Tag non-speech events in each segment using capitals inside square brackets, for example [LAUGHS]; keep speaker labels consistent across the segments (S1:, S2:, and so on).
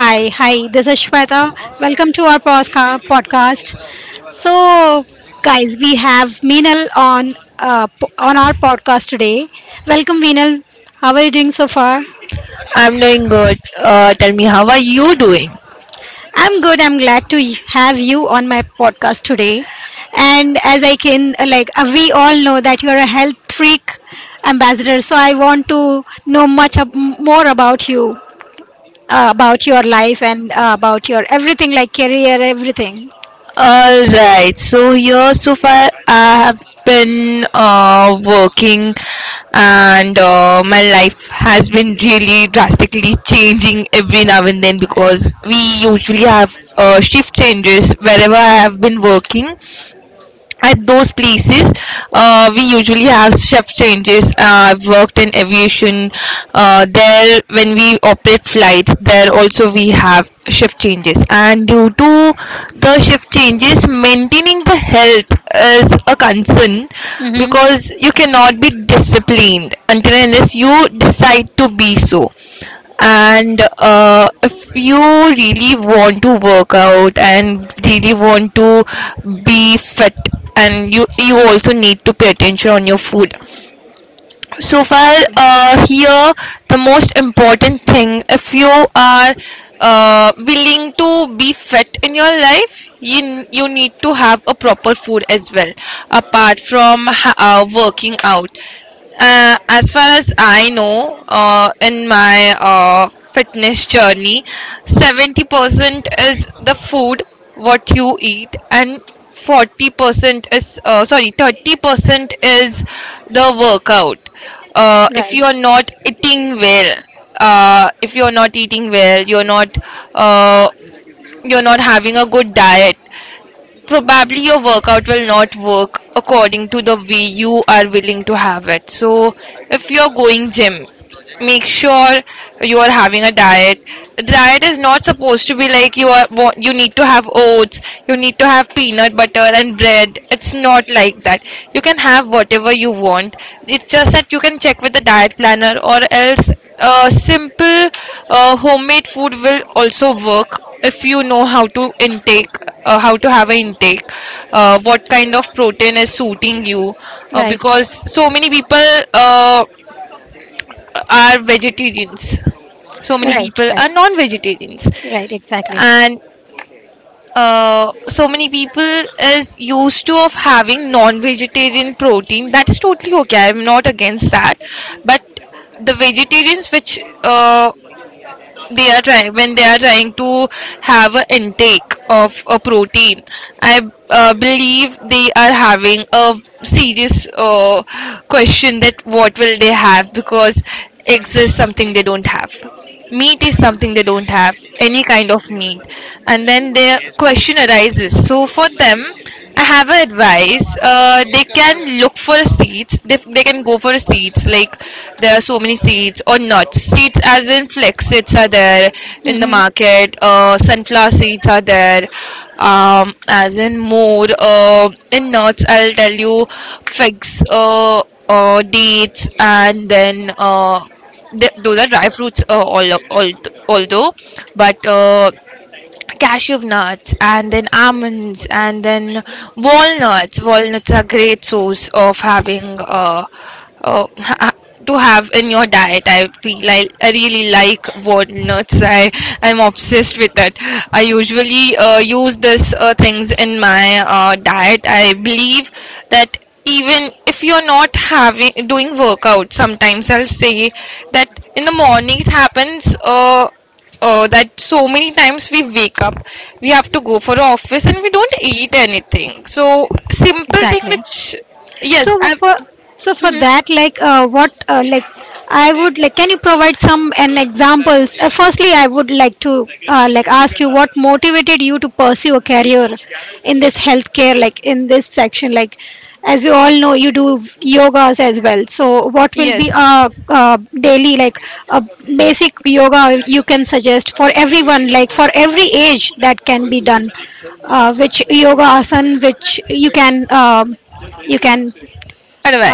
S1: Hi. Hi. This is Shweta. Welcome to our podcast. So, guys, we have Meenal on on our podcast today. Welcome, Meenal. How are you doing so far?
S2: I'm doing good. Tell me, how are you doing?
S1: I'm good. I'm glad to have you on my podcast today. And as I can, we all know that you're a health freak ambassador. So I want to know much more about you, about your life, and about your everything, like career, everything.
S2: All right. So here, so far, I have been working, and my life has been really drastically changing every now and then, because we usually have shift changes wherever I have been working. At those places we usually have shift changes. I've worked in aviation. There when we operate flights, there also we have shift changes, and due to the shift changes, maintaining the health is a concern,
S1: Mm-hmm.
S2: because you cannot be disciplined until and unless you decide to be so. And if you really want to work out and really want to be fit, and you also need to pay attention on your food. So far, here, the most important thing, if you are willing to be fit in your life, you need to have a proper food as well, apart from working out. As far as I know, in my fitness journey, 70% is the food what you eat, and 40% is, sorry, 30% is the workout. If
S1: Right.
S2: you are not eating well, uh, if you are not eating well, you're not uh, you're not having a good diet. Probably your workout will not work according to the way you are willing to have it. So if you're going gym, make sure you are having a diet. Diet is not supposed to be like you are you need to have oats, you need to have peanut butter and bread. It's not like that. You can have whatever you want. It's just that you can check with the diet planner, or else simple homemade food will also work if you know how to intake, how to have an intake, what kind of protein is suiting you.
S1: Right. Right.
S2: Because so many people are vegetarians, so many
S1: Right.
S2: people are
S1: Right.
S2: non-vegetarians.
S1: Right. Exactly.
S2: And so many people is used to of having non-vegetarian protein. That is totally okay, I'm not against that. But the vegetarians, which they are trying when they are trying to have an intake of a protein, I believe they are having a serious question, that what will they have, because eggs is something they don't have, meat is something they don't have, any kind of meat. And then their question arises. So for them, I have an advice. They can look for a seats. They can go for a seats. Like there are so many seats or nuts. Seats as in flex seeds are there in the
S1: Mm-hmm.
S2: market. Sunflower seeds are there. As in more, in nuts, I'll tell you: figs, dates, and then those are dry fruits, although. But cashew nuts, and then almonds, and then walnuts, are great source of having, uh ha- to have in your diet. I feel I really like walnuts. I'm obsessed with it. I usually use this things in my diet. I believe that even if you're not having doing workout, sometimes I'll say that in the morning it happens, that so many times we wake up, we have to go for the office, and we don't eat anything. So simple thing
S1: Exactly.
S2: which... yes,
S1: So
S2: I.
S1: for so for that, like I would like, can you provide some an examples? Firstly, I would like to ask you what motivated you to pursue a career in this healthcare, like in this section, like as we all know, you do yogas as well. So what will
S2: Yes.
S1: be a daily like a basic yoga you can suggest for everyone, like for every age that can be done, which yoga asan which you can.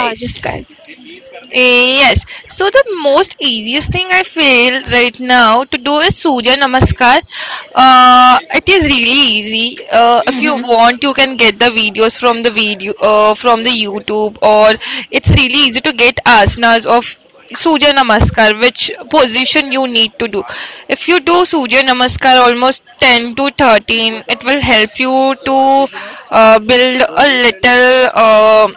S1: Ah, just guys.
S2: Yes. So the most easiest thing I feel right now to do is Surya Namaskar. It is really easy. If you
S1: Hmm.
S2: want, you can get the videos from the video from the YouTube, or it's really easy to get asanas of Surya Namaskar, which position you need to do. If you do Surya Namaskar almost 10 to 13, it will help you to build a little.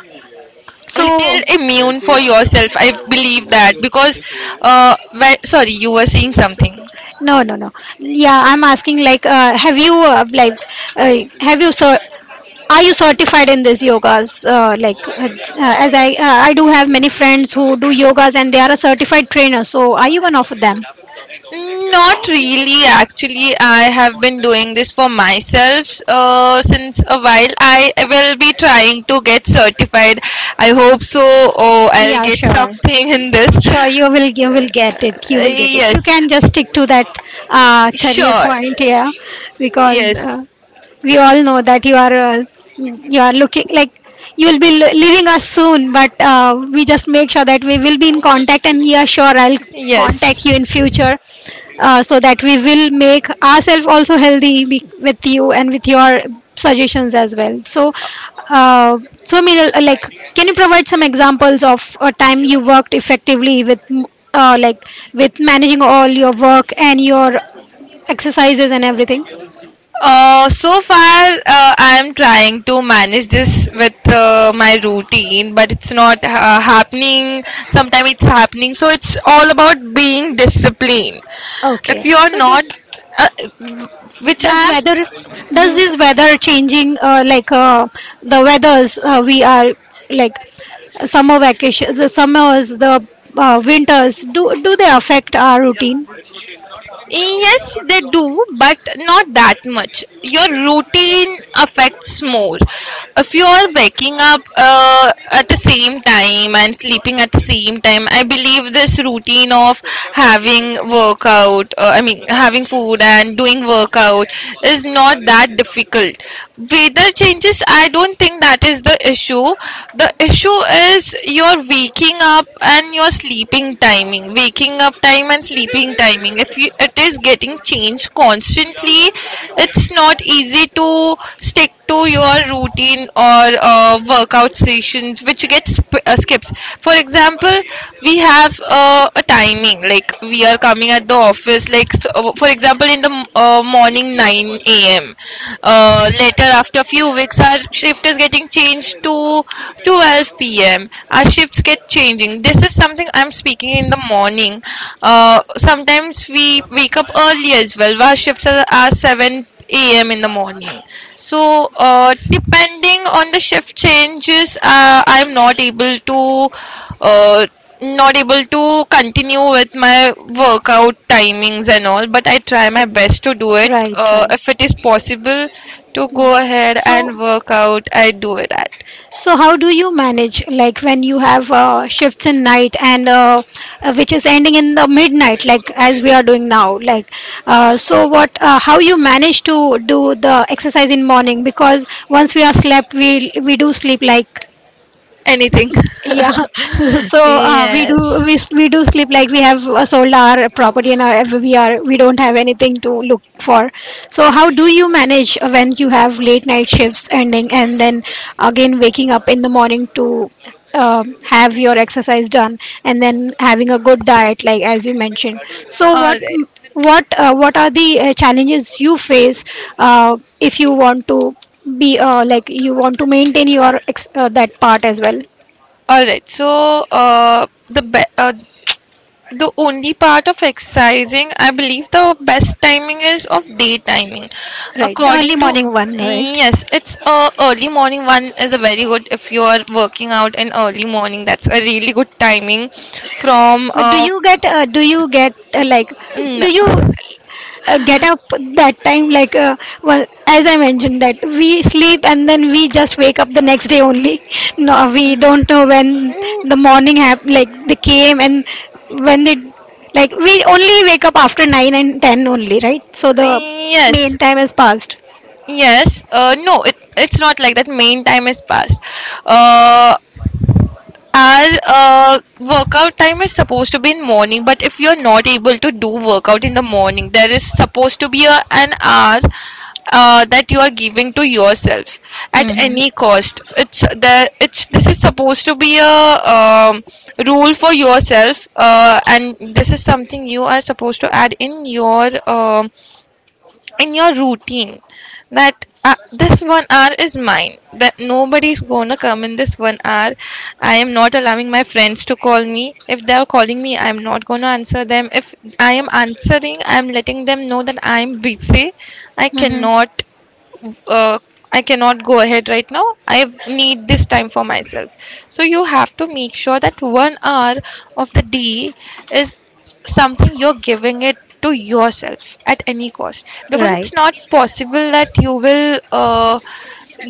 S2: Little
S1: So
S2: immune for yourself, I believe that, because sorry, you were saying something.
S1: no, no, no. Yeah, I'm asking like, have you uh, have you so? Are you certified in this yogas? Like, as I do have many friends who do yogas and they are a certified trainer. So are you one of them?
S2: Not really, actually. I have been doing this for myself since a while. I will be trying to get certified, I hope so. Oh, I'll
S1: Yeah,
S2: get
S1: sure.
S2: something in this.
S1: Sure, you will get it. You will get it. You
S2: Yes.
S1: can just stick to that career
S2: Sure.
S1: point, yeah, because
S2: Yes.
S1: we all know that you are looking like you will be leaving us soon, but we just make sure that we will be in contact and we are sure I'll contact
S2: Yes.
S1: you in future, so that we will make ourselves also with you and with your suggestions as well. So, uh, Meenal, can you provide some examples of a time you worked effectively with m- like with managing all your work and your exercises and everything?
S2: So far, I'm trying to manage this with my routine, but it's not happening. Sometimes it's happening. So it's all about being disciplined. If
S1: Okay,
S2: you are
S1: so
S2: not,
S1: does
S2: uh, which
S1: Does weather, does this weather changing, like the weathers we are like summer vacation, the summers, the winters, do they affect our routine?
S2: Yes, they do, but not that much. Your routine affects more. If you are waking up at the same time and sleeping at the same time, I believe this routine of having workout, I mean, having food and doing workout is not that difficult. Weather changes, I don't think that is the issue. The issue is your waking up and your sleeping timing, waking up time and sleeping timing. If you, It is getting changed constantly. It's not easy to stick to your routine or workout sessions, which gets skips. For example, we have a timing, like we are coming at the office, like so, for example in the morning 9 a.m. Later, after a few weeks, our shift is getting changed to 12 p.m. Our shift habits get changing. This is something I'm speaking in the morning. Sometimes we wake up early as well. Our shifts are 7 a.m. in the morning. So depending on the shift changes, I'm not able to, uh, not able to continue with my workout timings and all. But I try my
S1: So
S2: best to do it,
S1: right, right.
S2: if it is possible to go ahead
S1: So
S2: and work out, I do it at...
S1: So how do you manage like when you have shifts in night and which is ending in the midnight, like as we are doing now? Like, so what how you manage to do the exercise in morning? Because once we are slept, we do sleep like,
S2: Anything.
S1: yeah. [LAUGHS] So
S2: [LAUGHS] Yes.
S1: we do sleep like, we have sold our property and our, we are, we don't have anything to look for. So how do you manage when you have late night shifts ending and then again waking up in the morning to uh, have your exercise done, and then having a good diet like as you mentioned? So
S2: All
S1: what,
S2: right.
S1: what are the challenges you face if you want to be, you want to maintain your that part as well?
S2: All right. So, the only part of exercising, I believe, the best timing is of day timing,
S1: Right, the early
S2: according to.
S1: morning one, right?
S2: Yes, it's, early morning one is a very good, if you are working out in early morning. That's a really good timing from,
S1: But do you get, do you get like do
S2: n-
S1: you
S2: [LAUGHS]
S1: get up that time, like, well, as I mentioned that we sleep and then we just wake up the next day only. [LAUGHS] No, we don't know when the morning like they came and when they, like we only wake up after nine and ten only, right? So the
S2: yes.
S1: main time has passed.
S2: Yes, no, it's not like that. Main time is past. Uh, our workout time is supposed to be in morning, but if you're not able to do workout in the morning, there is supposed to be an hour that you are giving to yourself at
S1: Mm-hmm.
S2: any cost. It's the it's this is supposed to be a um, rule for yourself. And this is something you are supposed to add in your in your routine, that this one hour is mine, that nobody's gonna come in this one hour. I am not allowing my friends to call me. If they are calling me, I'm not gonna answer them. If I am answering, I'm letting them know that I'm busy. i
S1: Mm-hmm.
S2: cannot uh, I cannot go ahead right now. I need this time for myself. So you have to make sure that one hour of the day is something you're giving it to yourself at any cost, because it's
S1: Right.
S2: not possible that you will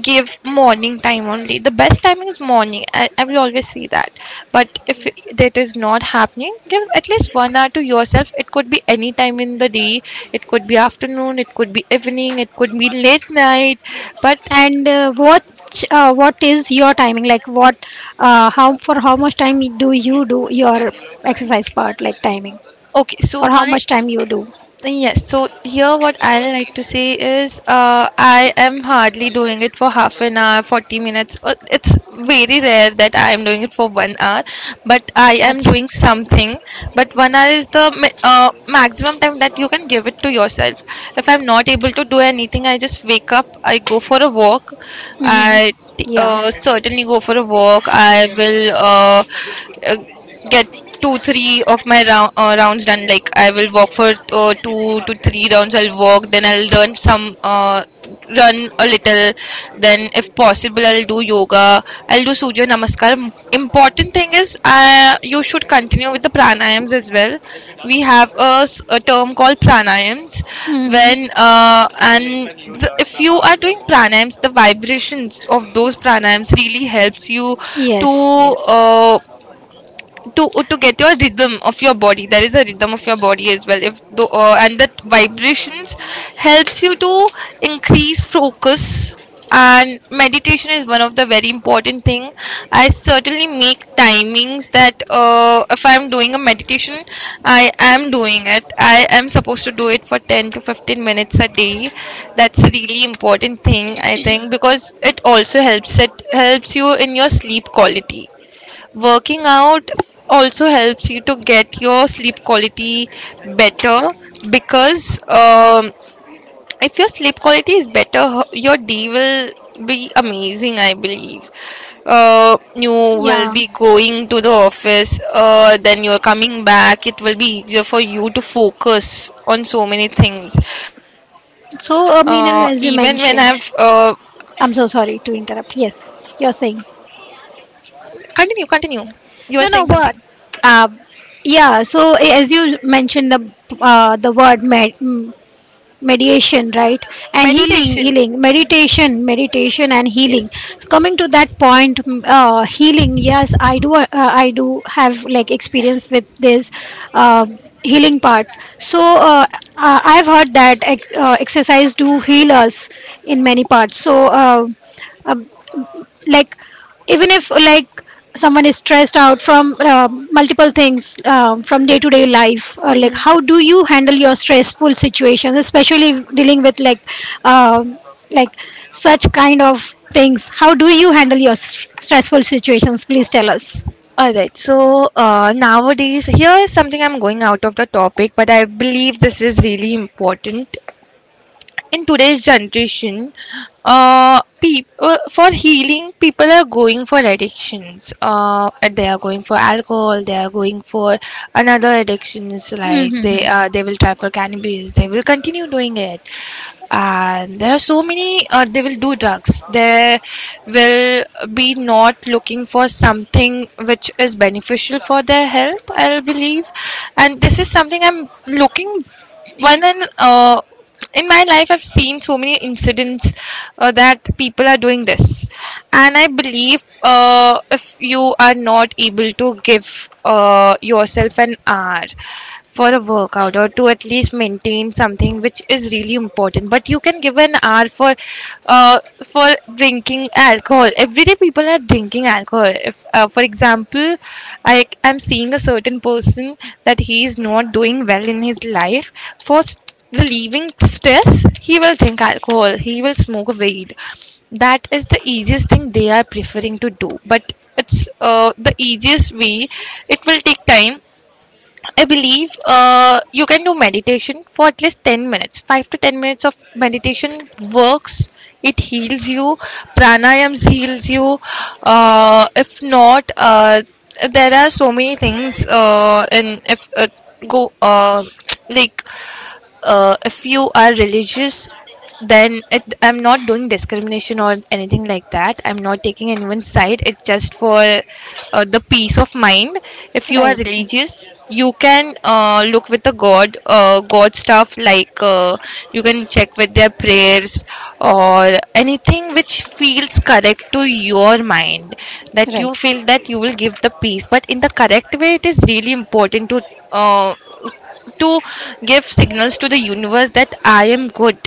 S2: give morning time only. The best timing is morning. I will always see that. But if that is not happening, give at least one hour to yourself. It could be any time in the day. It could be afternoon, it could be evening, it could be late night. But...
S1: And what is your timing? Like what, how for how much time do you do your exercise part? Like timing,
S2: okay
S1: for
S2: so
S1: how
S2: my
S1: much time you do?
S2: Yes, so here what I like to say is, I am hardly doing it for half an hour, 40 minutes. It's very rare that I am doing it for one hour, but I
S1: Ach.
S2: am doing something. But one hour is the maximum time that you can give it to yourself. If I'm not able to do anything, I just wake up, I go for a walk,
S1: Mm-hmm. Yeah.
S2: certainly go for a walk, I will. Uh, get two three of my rounds done, like I will walk for two to three rounds, I'll walk, then I'll run a little. Then if possible, I'll do yoga, I'll do Surya Namaskar. Important thing is, you should continue with the pranayams as well. We have a term called pranayams.
S1: Mm-hmm.
S2: If you are doing pranayams, the vibrations of those pranayams really helps you to
S1: Yes. Yes.
S2: uh, to to get your rhythm of your body. There is a rhythm of your body as well. If the and That vibrations helps you to increase focus. And meditation is one of the very important thing. I certainly make timings that, if I'm doing a meditation, I am supposed to do it for 10 to 15 minutes a day. That's a really important thing, I think, because it also helps you in your sleep quality. Working out also helps you to get your sleep quality better, because if your sleep quality is better, your day will be amazing, I believe. You will
S1: Yeah.
S2: be going to the office, then you're coming back. It will be easier for you to focus on so many things. Even
S1: So,
S2: when I've
S1: Meenal, as you mentioned, I'm so sorry to interrupt. Yes, you're saying.
S2: continue, continue. You are saying something.
S1: No, no, but uh, yeah. So, as you mentioned the uh, the word med- mm, mediation, right? And healing,
S2: Meditation.
S1: meditation, and healing.
S2: Yes.
S1: So coming to that point, healing, yes, I do, I do have like experience with this uh, healing part. So I've heard that exercise do heal us in many parts. So uh, like even if like someone is stressed out from multiple things from day to day life, how do you handle your stressful situations, especially dealing with like, uh, like such kind of things? How do you handle your stressful situations? Please tell us.
S2: All right. So nowadays, here is something I'm going out of the topic, but I believe this is really important in today's generation, for healing people are going for addictions, they are going for alcohol, they are going for another addictions, like
S1: Mm-hmm.
S2: they will try for cannabis, they will continue doing it. And there are so many, they will do drugs, they will be not looking for something which is beneficial for their health, I believe. And this is something I'm looking one and in my life I've seen so many incidents, that people are doing this. And I believe, if you are not able to give, yourself an hour for a workout or to at least maintain something which is really important, but you can give an hour for uh, for drinking alcohol. Everyday people are drinking alcohol. If, for example, I am seeing a certain person that he is not doing well in his life. For relieving stress, he will drink alcohol. He will smoke weed. That is the easiest thing they are preferring to do. But it's the easiest way. It will take time, I believe. You can do meditation for at least 10 minutes. 5 to 10 minutes of meditation works. It heals you. Pranayams heals you. If not, there are so many things. And if go, [TSK] like, if you are religious, then it, I'm not doing discrimination or anything like that, I'm not taking anyone's side, it's just for the peace of mind. If you are
S1: Right.
S2: religious, you can, look with the god, god stuff like, you can check with their prayers or anything which feels correct to your mind, that you
S1: Right.
S2: feel that you will give the peace, but in the correct way. It is really important to uh, to give signals to the universe that I am good.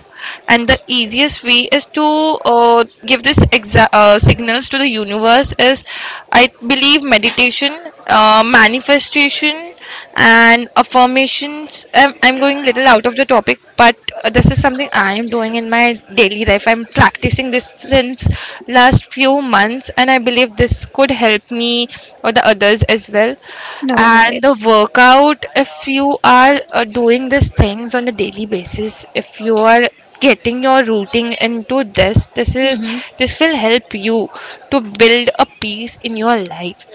S2: And the easiest way is to, give this signals to the universe is, I believe, meditation, manifestation, and affirmations. I'm going little out of the topic, but this is something I am doing in my daily life. I'm practicing this since last few months, and I believe this could help me or the others as well.
S1: No, no,
S2: And the
S1: it's,
S2: workout, if you are, doing these things on a daily basis, if you are getting your routing into this, this is
S1: mm-hmm.
S2: this will help you to build a peace in your life.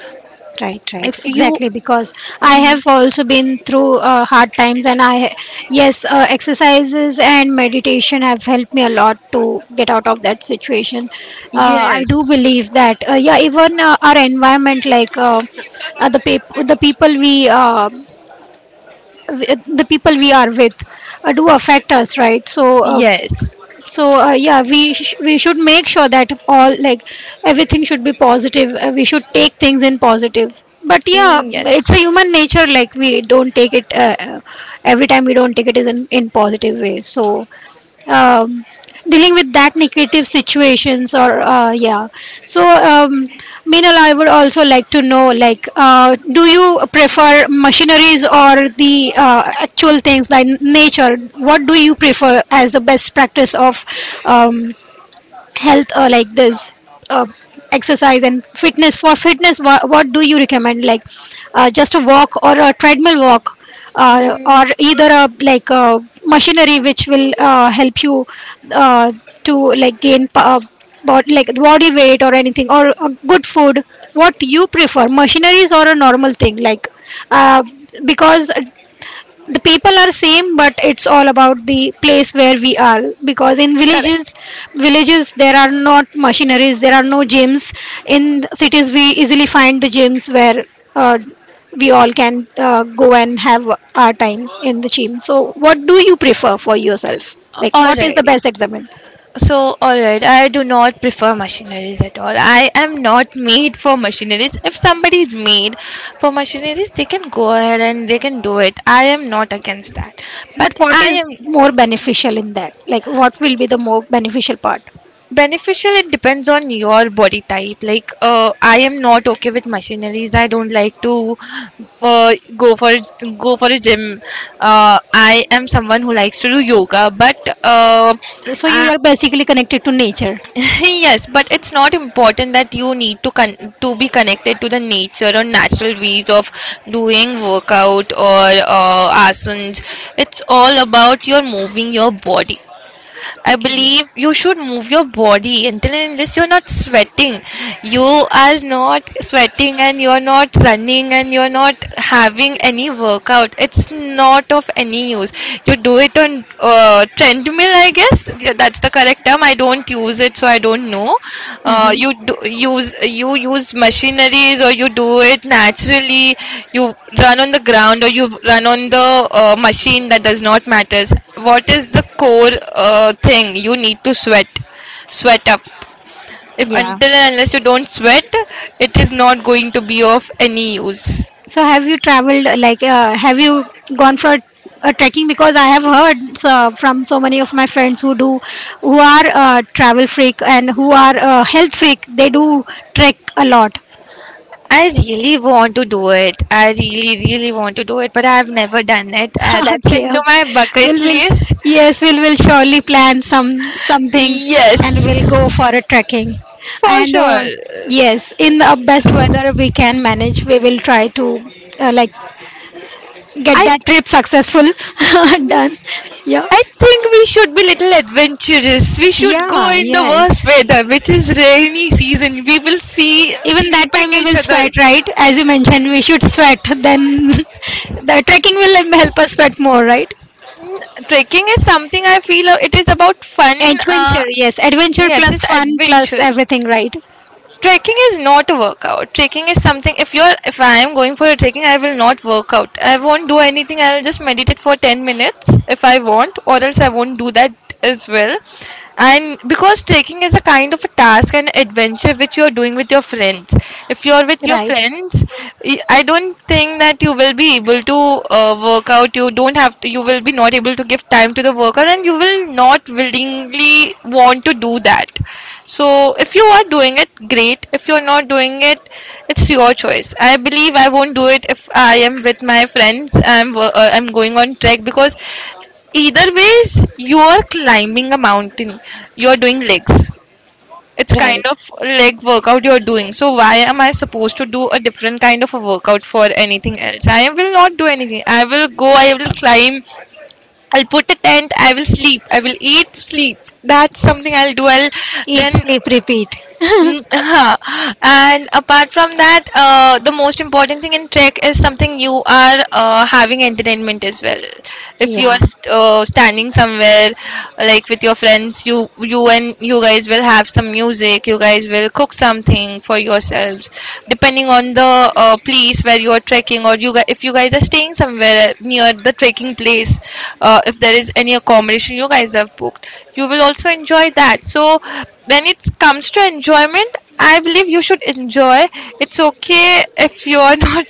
S1: Right, right,
S2: If you
S1: exactly. Because I have also been through hard times, and I, yes, exercises and meditation have helped me a lot to get out of that situation. I do
S2: yes,
S1: believe that, yeah, even our environment, like the pap- the people we. The people we are with, do affect us, right? So
S2: yes,
S1: yeah, we we should make sure that all like everything should be positive. We should take things in positive, but yeah, it's
S2: yes,
S1: a human nature, like we don't take it, every time we don't take it as in positive way. So um, dealing with that negative situations or, yeah. So Meenal, I would also like to know, like, do you prefer machineries or the actual things like nature? What do you prefer as the best practice of um, health, like this uh, exercise and fitness? For fitness, what do you recommend, like just a walk or a treadmill walk, or either a like a machinery which will help you uh, to like gain like body weight or anything, or good food? What you prefer, machineries or a normal thing? Like uh, because the people are same, but it's all about the place where we are, because in
S2: correct.
S1: villages, there are not machineries, there are no gyms. In cities we easily find the gyms where uh, we all can go and have our time in the gym. So what do you prefer for yourself, like
S2: All
S1: what is
S2: right.
S1: the best examine?
S2: So, alright, I do not prefer machineries at all. I am not made for machineries. If somebody is made for machineries, they can go ahead and they can do it. I am not against that.
S1: But
S2: But
S1: what
S2: I
S1: is
S2: am
S1: more beneficial in that? Like what will be the more beneficial part?
S2: beneficial, it depends on your body type. Like, I am not okay with machineries. I don't like to uh, go for go for a gym. I am someone who likes to do yoga, but uh,
S1: So you
S2: I,
S1: are basically connected to nature.
S2: [LAUGHS] yes, but it's not important that you need to to be connected to the nature or natural ways of doing workout or asanas. It's all about your moving your body. I
S1: Okay.
S2: believe you should move your body until and unless you're not sweating. You are not sweating and you're not running and you're not having any workout. It's not of any use. You do it on treadmill, I guess. Yeah, that's the correct term. I don't use it, so I don't know. Uh,
S1: Mm-hmm.
S2: you do, use you use machineries or you do it naturally. You run on the ground or you run on the machine. That does not matters. What is the core thing, you need to sweat up. If
S1: Yeah.
S2: until and unless you don't sweat, it is not going to be of any use.
S1: So have you traveled, have you gone for a trekking? Because I have heard from so many of my friends who do, who are travel freak and who are health freak, they do trek a lot.
S2: I really want to do it. I really, really want to do it, but I've never done it.
S1: [LAUGHS]
S2: That's
S1: Okay,
S2: into
S1: okay.
S2: my bucket
S1: We'll will
S2: list.
S1: Yes, we'll will surely plan some something and we'll go
S2: Yes,
S1: for a trekking.
S2: for
S1: And
S2: sure.
S1: yes, in the best weather we can manage, we will try to uh, like get
S2: I
S1: that trip successful. [LAUGHS] Done. Yeah.
S2: I think we should be little adventurous. We should go
S1: Yeah,
S2: in the worst
S1: yes.
S2: weather, which is rainy season. We will see
S1: Even that
S2: sleeping
S1: time we
S2: each
S1: will
S2: other.
S1: sweat, right? As you mentioned, we should sweat. Then [LAUGHS] the trekking will help us sweat more, right?
S2: Trekking is something I feel, it is about fun. Uh,
S1: Adventure, yes. Adventure
S2: yeah, it
S1: plus
S2: is
S1: fun plus
S2: adventure.
S1: everything, right?
S2: Trekking is not a workout. Trekking is something, if I am going for a trekking, I will not work out, I won't do anything, I'll just meditate for 10 minutes if I want, or else I won't do that as well. And because trekking is a kind of a task and adventure which you're doing with your friends, if you're with your
S1: Right,
S2: friends, I don't think that you will be able to, work out. You don't have to. You will be not able to give time to the workout and you will not willingly want to do that. So if you are doing it, great. If you're not doing it, it's your choice. I believe I won't do it if I am with my friends. I'm going on trek because either ways you are climbing a mountain. You're doing legs. It's kind
S1: right.
S2: of leg workout you're doing. So why am I supposed to do a different kind of a workout for anything else? I will not do anything. I will go. I will climb. I'll put a tent. I will sleep. I will eat. Sleep. That's something I'll do. I'll
S1: Eat,
S2: then
S1: sleep, repeat. [LAUGHS]
S2: Mm, [LAUGHS] huh. And apart from that, the most important thing in trek is something you are, having entertainment as well. If you
S1: Yeah,
S2: are standing somewhere, like with your friends, you and you guys will have some music. You guys will cook something for yourselves, depending on the place where you are trekking, or you guys, if you guys are staying somewhere near the trekking place, if there is any accommodation you guys have booked, you will also enjoy that. So when it comes to enjoyment, I believe you should enjoy. It's okay if you're [LAUGHS] not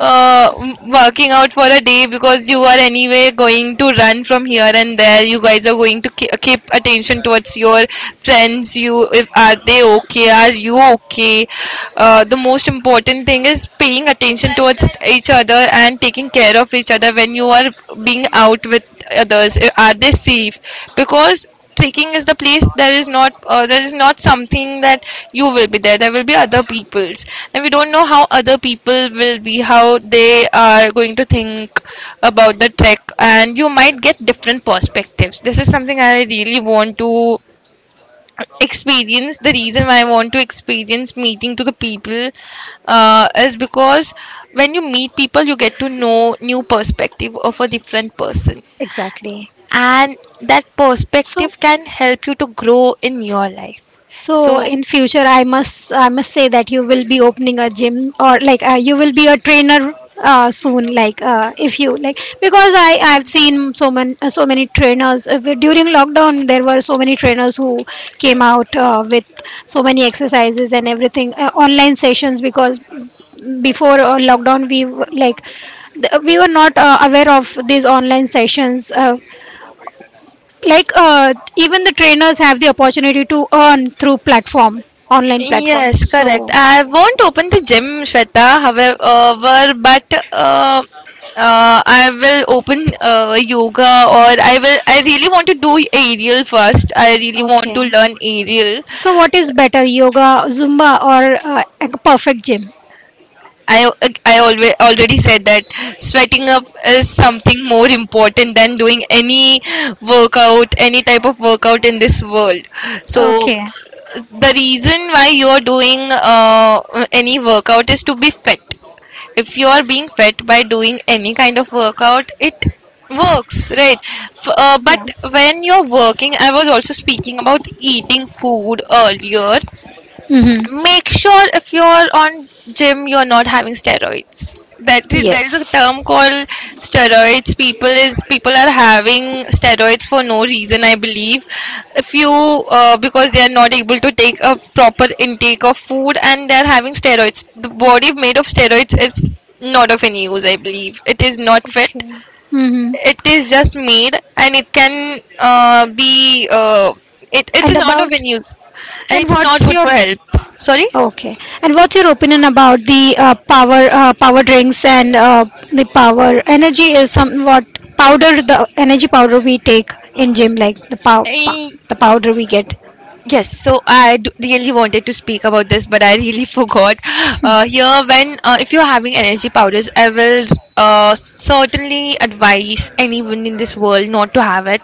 S2: uh, working out for a day, because you are anyway going to run from here and there. You guys are going to keep attention towards your friends, you if are they okay, are you okay. The most important thing is paying attention towards each other and taking care of each other when you are being out with others. Are they safe, because trekking is the place there is not something that you will be there, there will be other people's and we don't know how other people will be, how they are going to think about the trek, and you might get different perspectives. This is something I really want to experience. The reason why I want to experience meeting to the people, is because when you meet people, you get to know new perspective of a different person,
S1: exactly.
S2: and that
S1: So,
S2: perspective can help you to grow in your life.
S1: So
S2: So
S1: in future, I must say that you will be opening a gym, or like, you will be a trainer soon. Like, if you like, because I've seen so many so many trainers. During lockdown there were so many trainers who came out with so many exercises and everything, online sessions, because before lockdown we we were not aware of these online sessions. Even the trainers have the opportunity to earn through platform, online platform.
S2: yes, correct,
S1: So
S2: I won't open the gym, Shweta, however, but uh, I will open, yoga, or I really want to do aerial first. I really want
S1: okay,
S2: to learn aerial.
S1: so what is better: yoga, zumba, or a perfect gym?
S2: I I always already said that sweating up is something more important than doing any workout, any type of workout in this world. So
S1: Okay.
S2: the reason why you're doing, any workout is to be fit. If you are being fit by doing any kind of workout, it works, right?
S1: Yeah.
S2: But when you're working, I was also speaking about eating food earlier,
S1: Mm-hmm.
S2: make sure if you're on gym you're not having steroids. That there is a
S1: Yes.
S2: term called steroids. People are having steroids for no reason, I believe. If you, because they are not able to take a proper intake of food and they're having steroids, the body made of steroids is not of any use, I believe. It is not fit.
S1: Okay. Mm-hmm.
S2: It is just made and it can, it
S1: and
S2: is not
S1: about
S2: of any use, and
S1: and
S2: it is
S1: what's
S2: not good
S1: your
S2: for health. Sorry.
S1: Okay. And what's your opinion about the power drinks and the power energy is somewhat the energy powder we take in gym, like the
S2: Eh,
S1: the powder we get.
S2: yes, so I really wanted to speak about this, but I really [LAUGHS] forgot. Here, when if you're having energy powders, I will, certainly advise anyone in this world not to have it.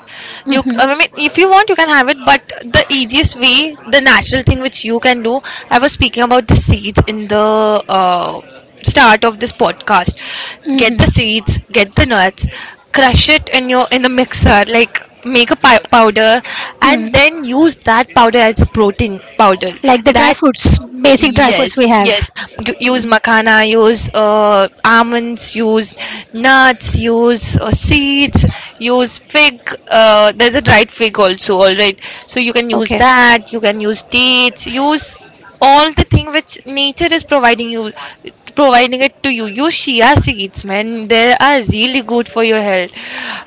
S2: You, I mean, if you want, you can have it, but the easiest way, the natural thing which you can do. I was speaking about the seeds in the start of this podcast. Get the
S1: Mhm.
S2: seeds, get the nuts, crush it in your, in the mixer, like make a powder, and
S1: Mm.
S2: then use that powder as a protein powder
S1: Like the dry
S2: that
S1: foods, basic dry foods we
S2: yes, yes.
S1: have.
S2: Use makhana, use almonds, use nuts, use seeds, use fig. There's a dried fig also, all right. So you can use
S1: Okay.
S2: that. You can use dates. Use all the thing which nature is providing you, providing it to you. Use chia seeds, man. They are really good for your health.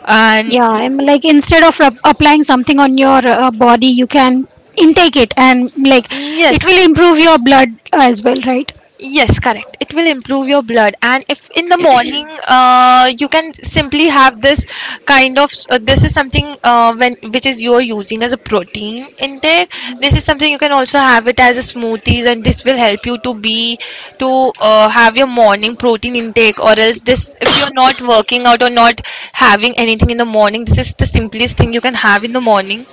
S2: And
S1: Yeah,
S2: y-
S1: I'm like, instead of applying something on your body, you can intake it, and like it will
S2: yes,
S1: improve your blood as well, right?
S2: Yes, correct. It will improve your blood, and if in the morning, you can simply have this kind of this is something when which is you're using as a protein intake. This is something you can also have it as a smoothies, and this will help you to have your morning protein intake. Or else, this if you're not working out or not having anything in the morning, this is the simplest thing you can have in the morning,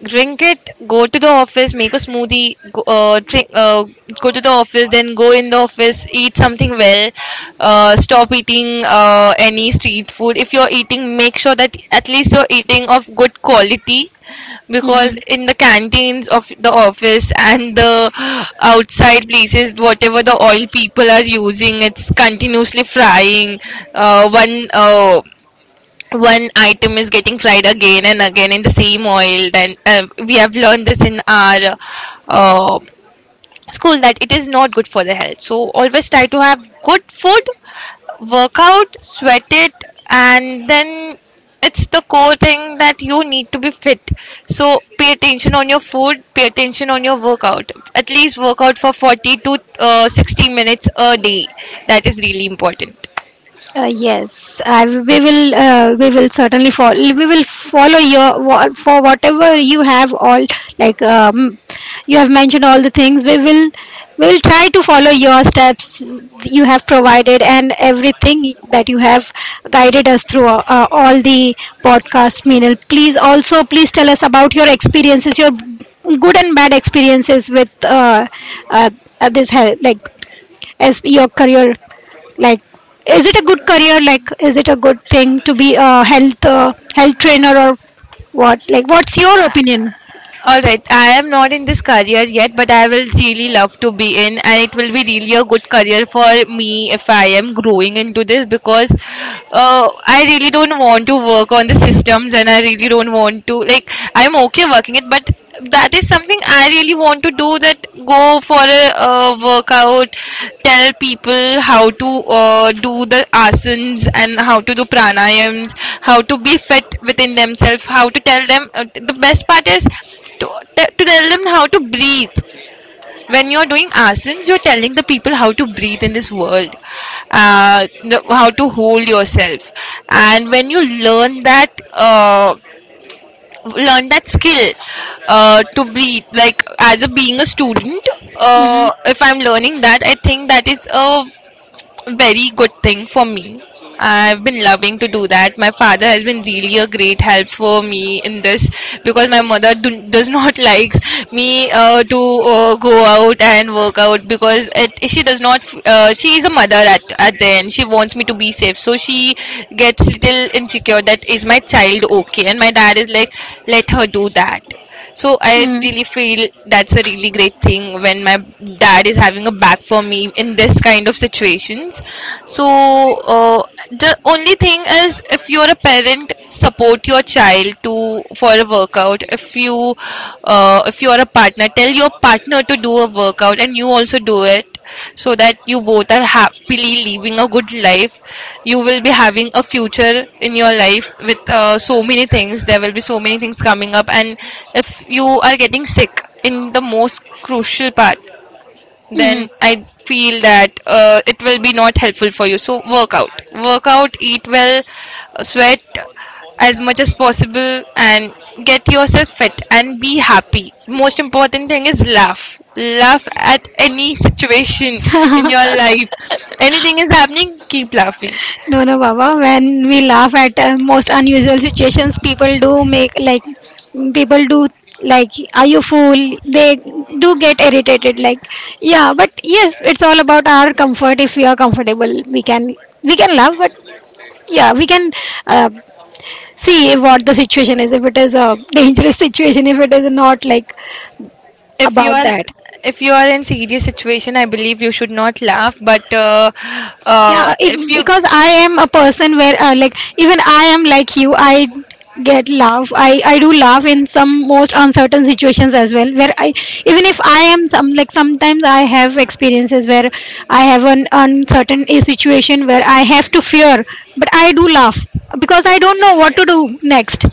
S2: drink it, go to the office, make a smoothie, go, drink, go to the office, then go in the office, eat something well. Stop eating any street food. If you're eating, make sure that at least you're eating of good quality, because
S1: Mm-hmm.
S2: in the canteens of the office and the outside places, whatever the oil people are using, it's continuously frying, uh, one uh, one item is getting fried again and again in the same oil. Then we have learned this in our uh, school that it is not good for the health, so always try to have good food, work out, sweat it, and then it's the core thing that you need to be fit. So pay attention on your food, pay attention on your workout. At least work out for 40 to 60 minutes a day. That is really important.
S1: We will. We will certainly follow. We will follow your for whatever you have all like. You have mentioned all the things. We will. We will try to follow your steps you have provided and everything that you have guided us through, all the podcast. Meenal, please also please tell us about your experiences, your good and bad experiences with, uh, this hel- like as your career, like is it a good career? Like is it a good thing to be a health, health trainer or what? Like, what's your opinion?
S2: All right, I am not in this career yet, but I will really love to be in, and it will be really a good career for me if I am growing into this. Because I really don't want to work on the systems, and I really don't want to, like, I'm okay working it, but that is something I really want to do, that go for a workout, tell people how to do the asanas and how to do pranayams, how to be fit within themselves, how to tell them. The best part is to, to tell them how to breathe. When you're doing asanas, you're telling the people how to breathe in this world, how to hold yourself. And when you learn that uh, learn that skill, to breathe, like as a being a student,
S1: Mm-hmm.
S2: if I'm learning that, I think that is a very good thing for me. I've been loving to do that. My father has been really a great help for me in this, because my mother does not [LAUGHS] like me to go out and work out, because it, she does not. She is a mother at the end. She wants me to be safe, so she gets little insecure. That is my child, okay? And my dad is like, let her do that. So I
S1: Mm-hmm.
S2: really feel that's a really great thing when my dad is having a back for me in this kind of situations. So uh, the only thing is, if you're a parent, support your child to for a workout. If you if you're a partner, tell your partner to do a workout, and you also do it, so that you both are happily living a good life. You will be having a future in your life with so many things. There will be so many things coming up, and if you are getting sick in the most crucial part, then I
S1: Mm-hmm.
S2: feel that it will be not helpful for you. So work out, eat well, sweat as much as possible, and get yourself fit and be happy. Most important thing is laugh. Laugh at any situation in your life. Anything is happening, keep laughing.
S1: No, no, baba, when we laugh at most unusual situations, people do make like, people do like, are you fool? They do get irritated like, yeah. But yes, it's all about our comfort. If we are comfortable we can, we can laugh. But yeah, we can, uh, see what the situation is, if it is a dangerous situation, if it is not like
S2: If you
S1: about
S2: are
S1: that.
S2: if you are in serious situation, I believe you should not laugh. But
S1: Yeah,
S2: if
S1: it,
S2: you.
S1: because I am a person where, even I am like you. I do love in some most uncertain situations as well, where I, even if I am, some like sometimes I have experiences where I have an uncertain situation where I have to fear, but I do love, because I don't know what to do next.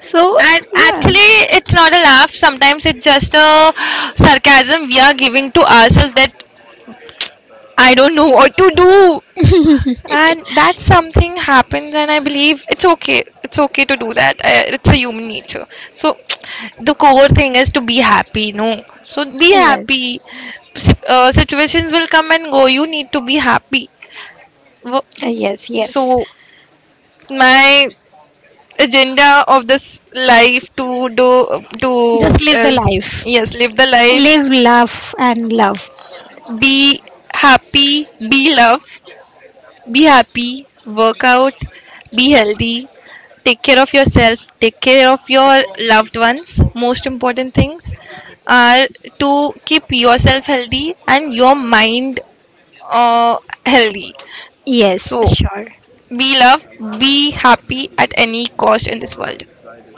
S1: So
S2: And
S1: yeah.
S2: actually, it's not a laugh. Sometimes it's just a sarcasm we are giving to ourselves, that I don't know what to do. And that something happens, and I believe it's okay. It's okay to do that. I, it's a human nature. So, [TSK] the core thing is to be happy, no? So, be
S1: Yes.
S2: happy. Situations will come and go. You need to be happy. Wo-
S1: Yes, yes.
S2: So, my agenda of this life to do to
S1: Just live the
S2: is,
S1: life.
S2: yes, live the life,
S1: Live, love, and love.
S2: be happy, be love, be happy, work out, be healthy, take care of yourself, take care of your loved ones. Most important things are to keep yourself healthy, and your mind uh, healthy.
S1: Yes,
S2: So
S1: sure.
S2: be love, be happy at any cost in this world,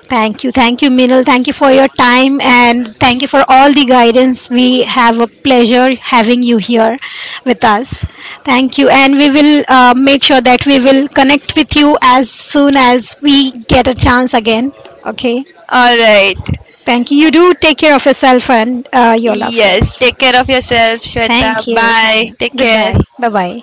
S1: Thank you. Thank you, Minal. Thank you for your time and thank you for all the guidance. We have a pleasure having you here with us. Thank you. And we will make sure that we will connect with you as soon as we get a chance again. Okay.
S2: all right.
S1: Thank you. You do take care of yourself and your loved
S2: Yes,
S1: ones.
S2: take care of yourself, Shweta.
S1: Thank you. Thank
S2: Bye.
S1: you.
S2: Take care.
S1: Goodbye. Bye bye.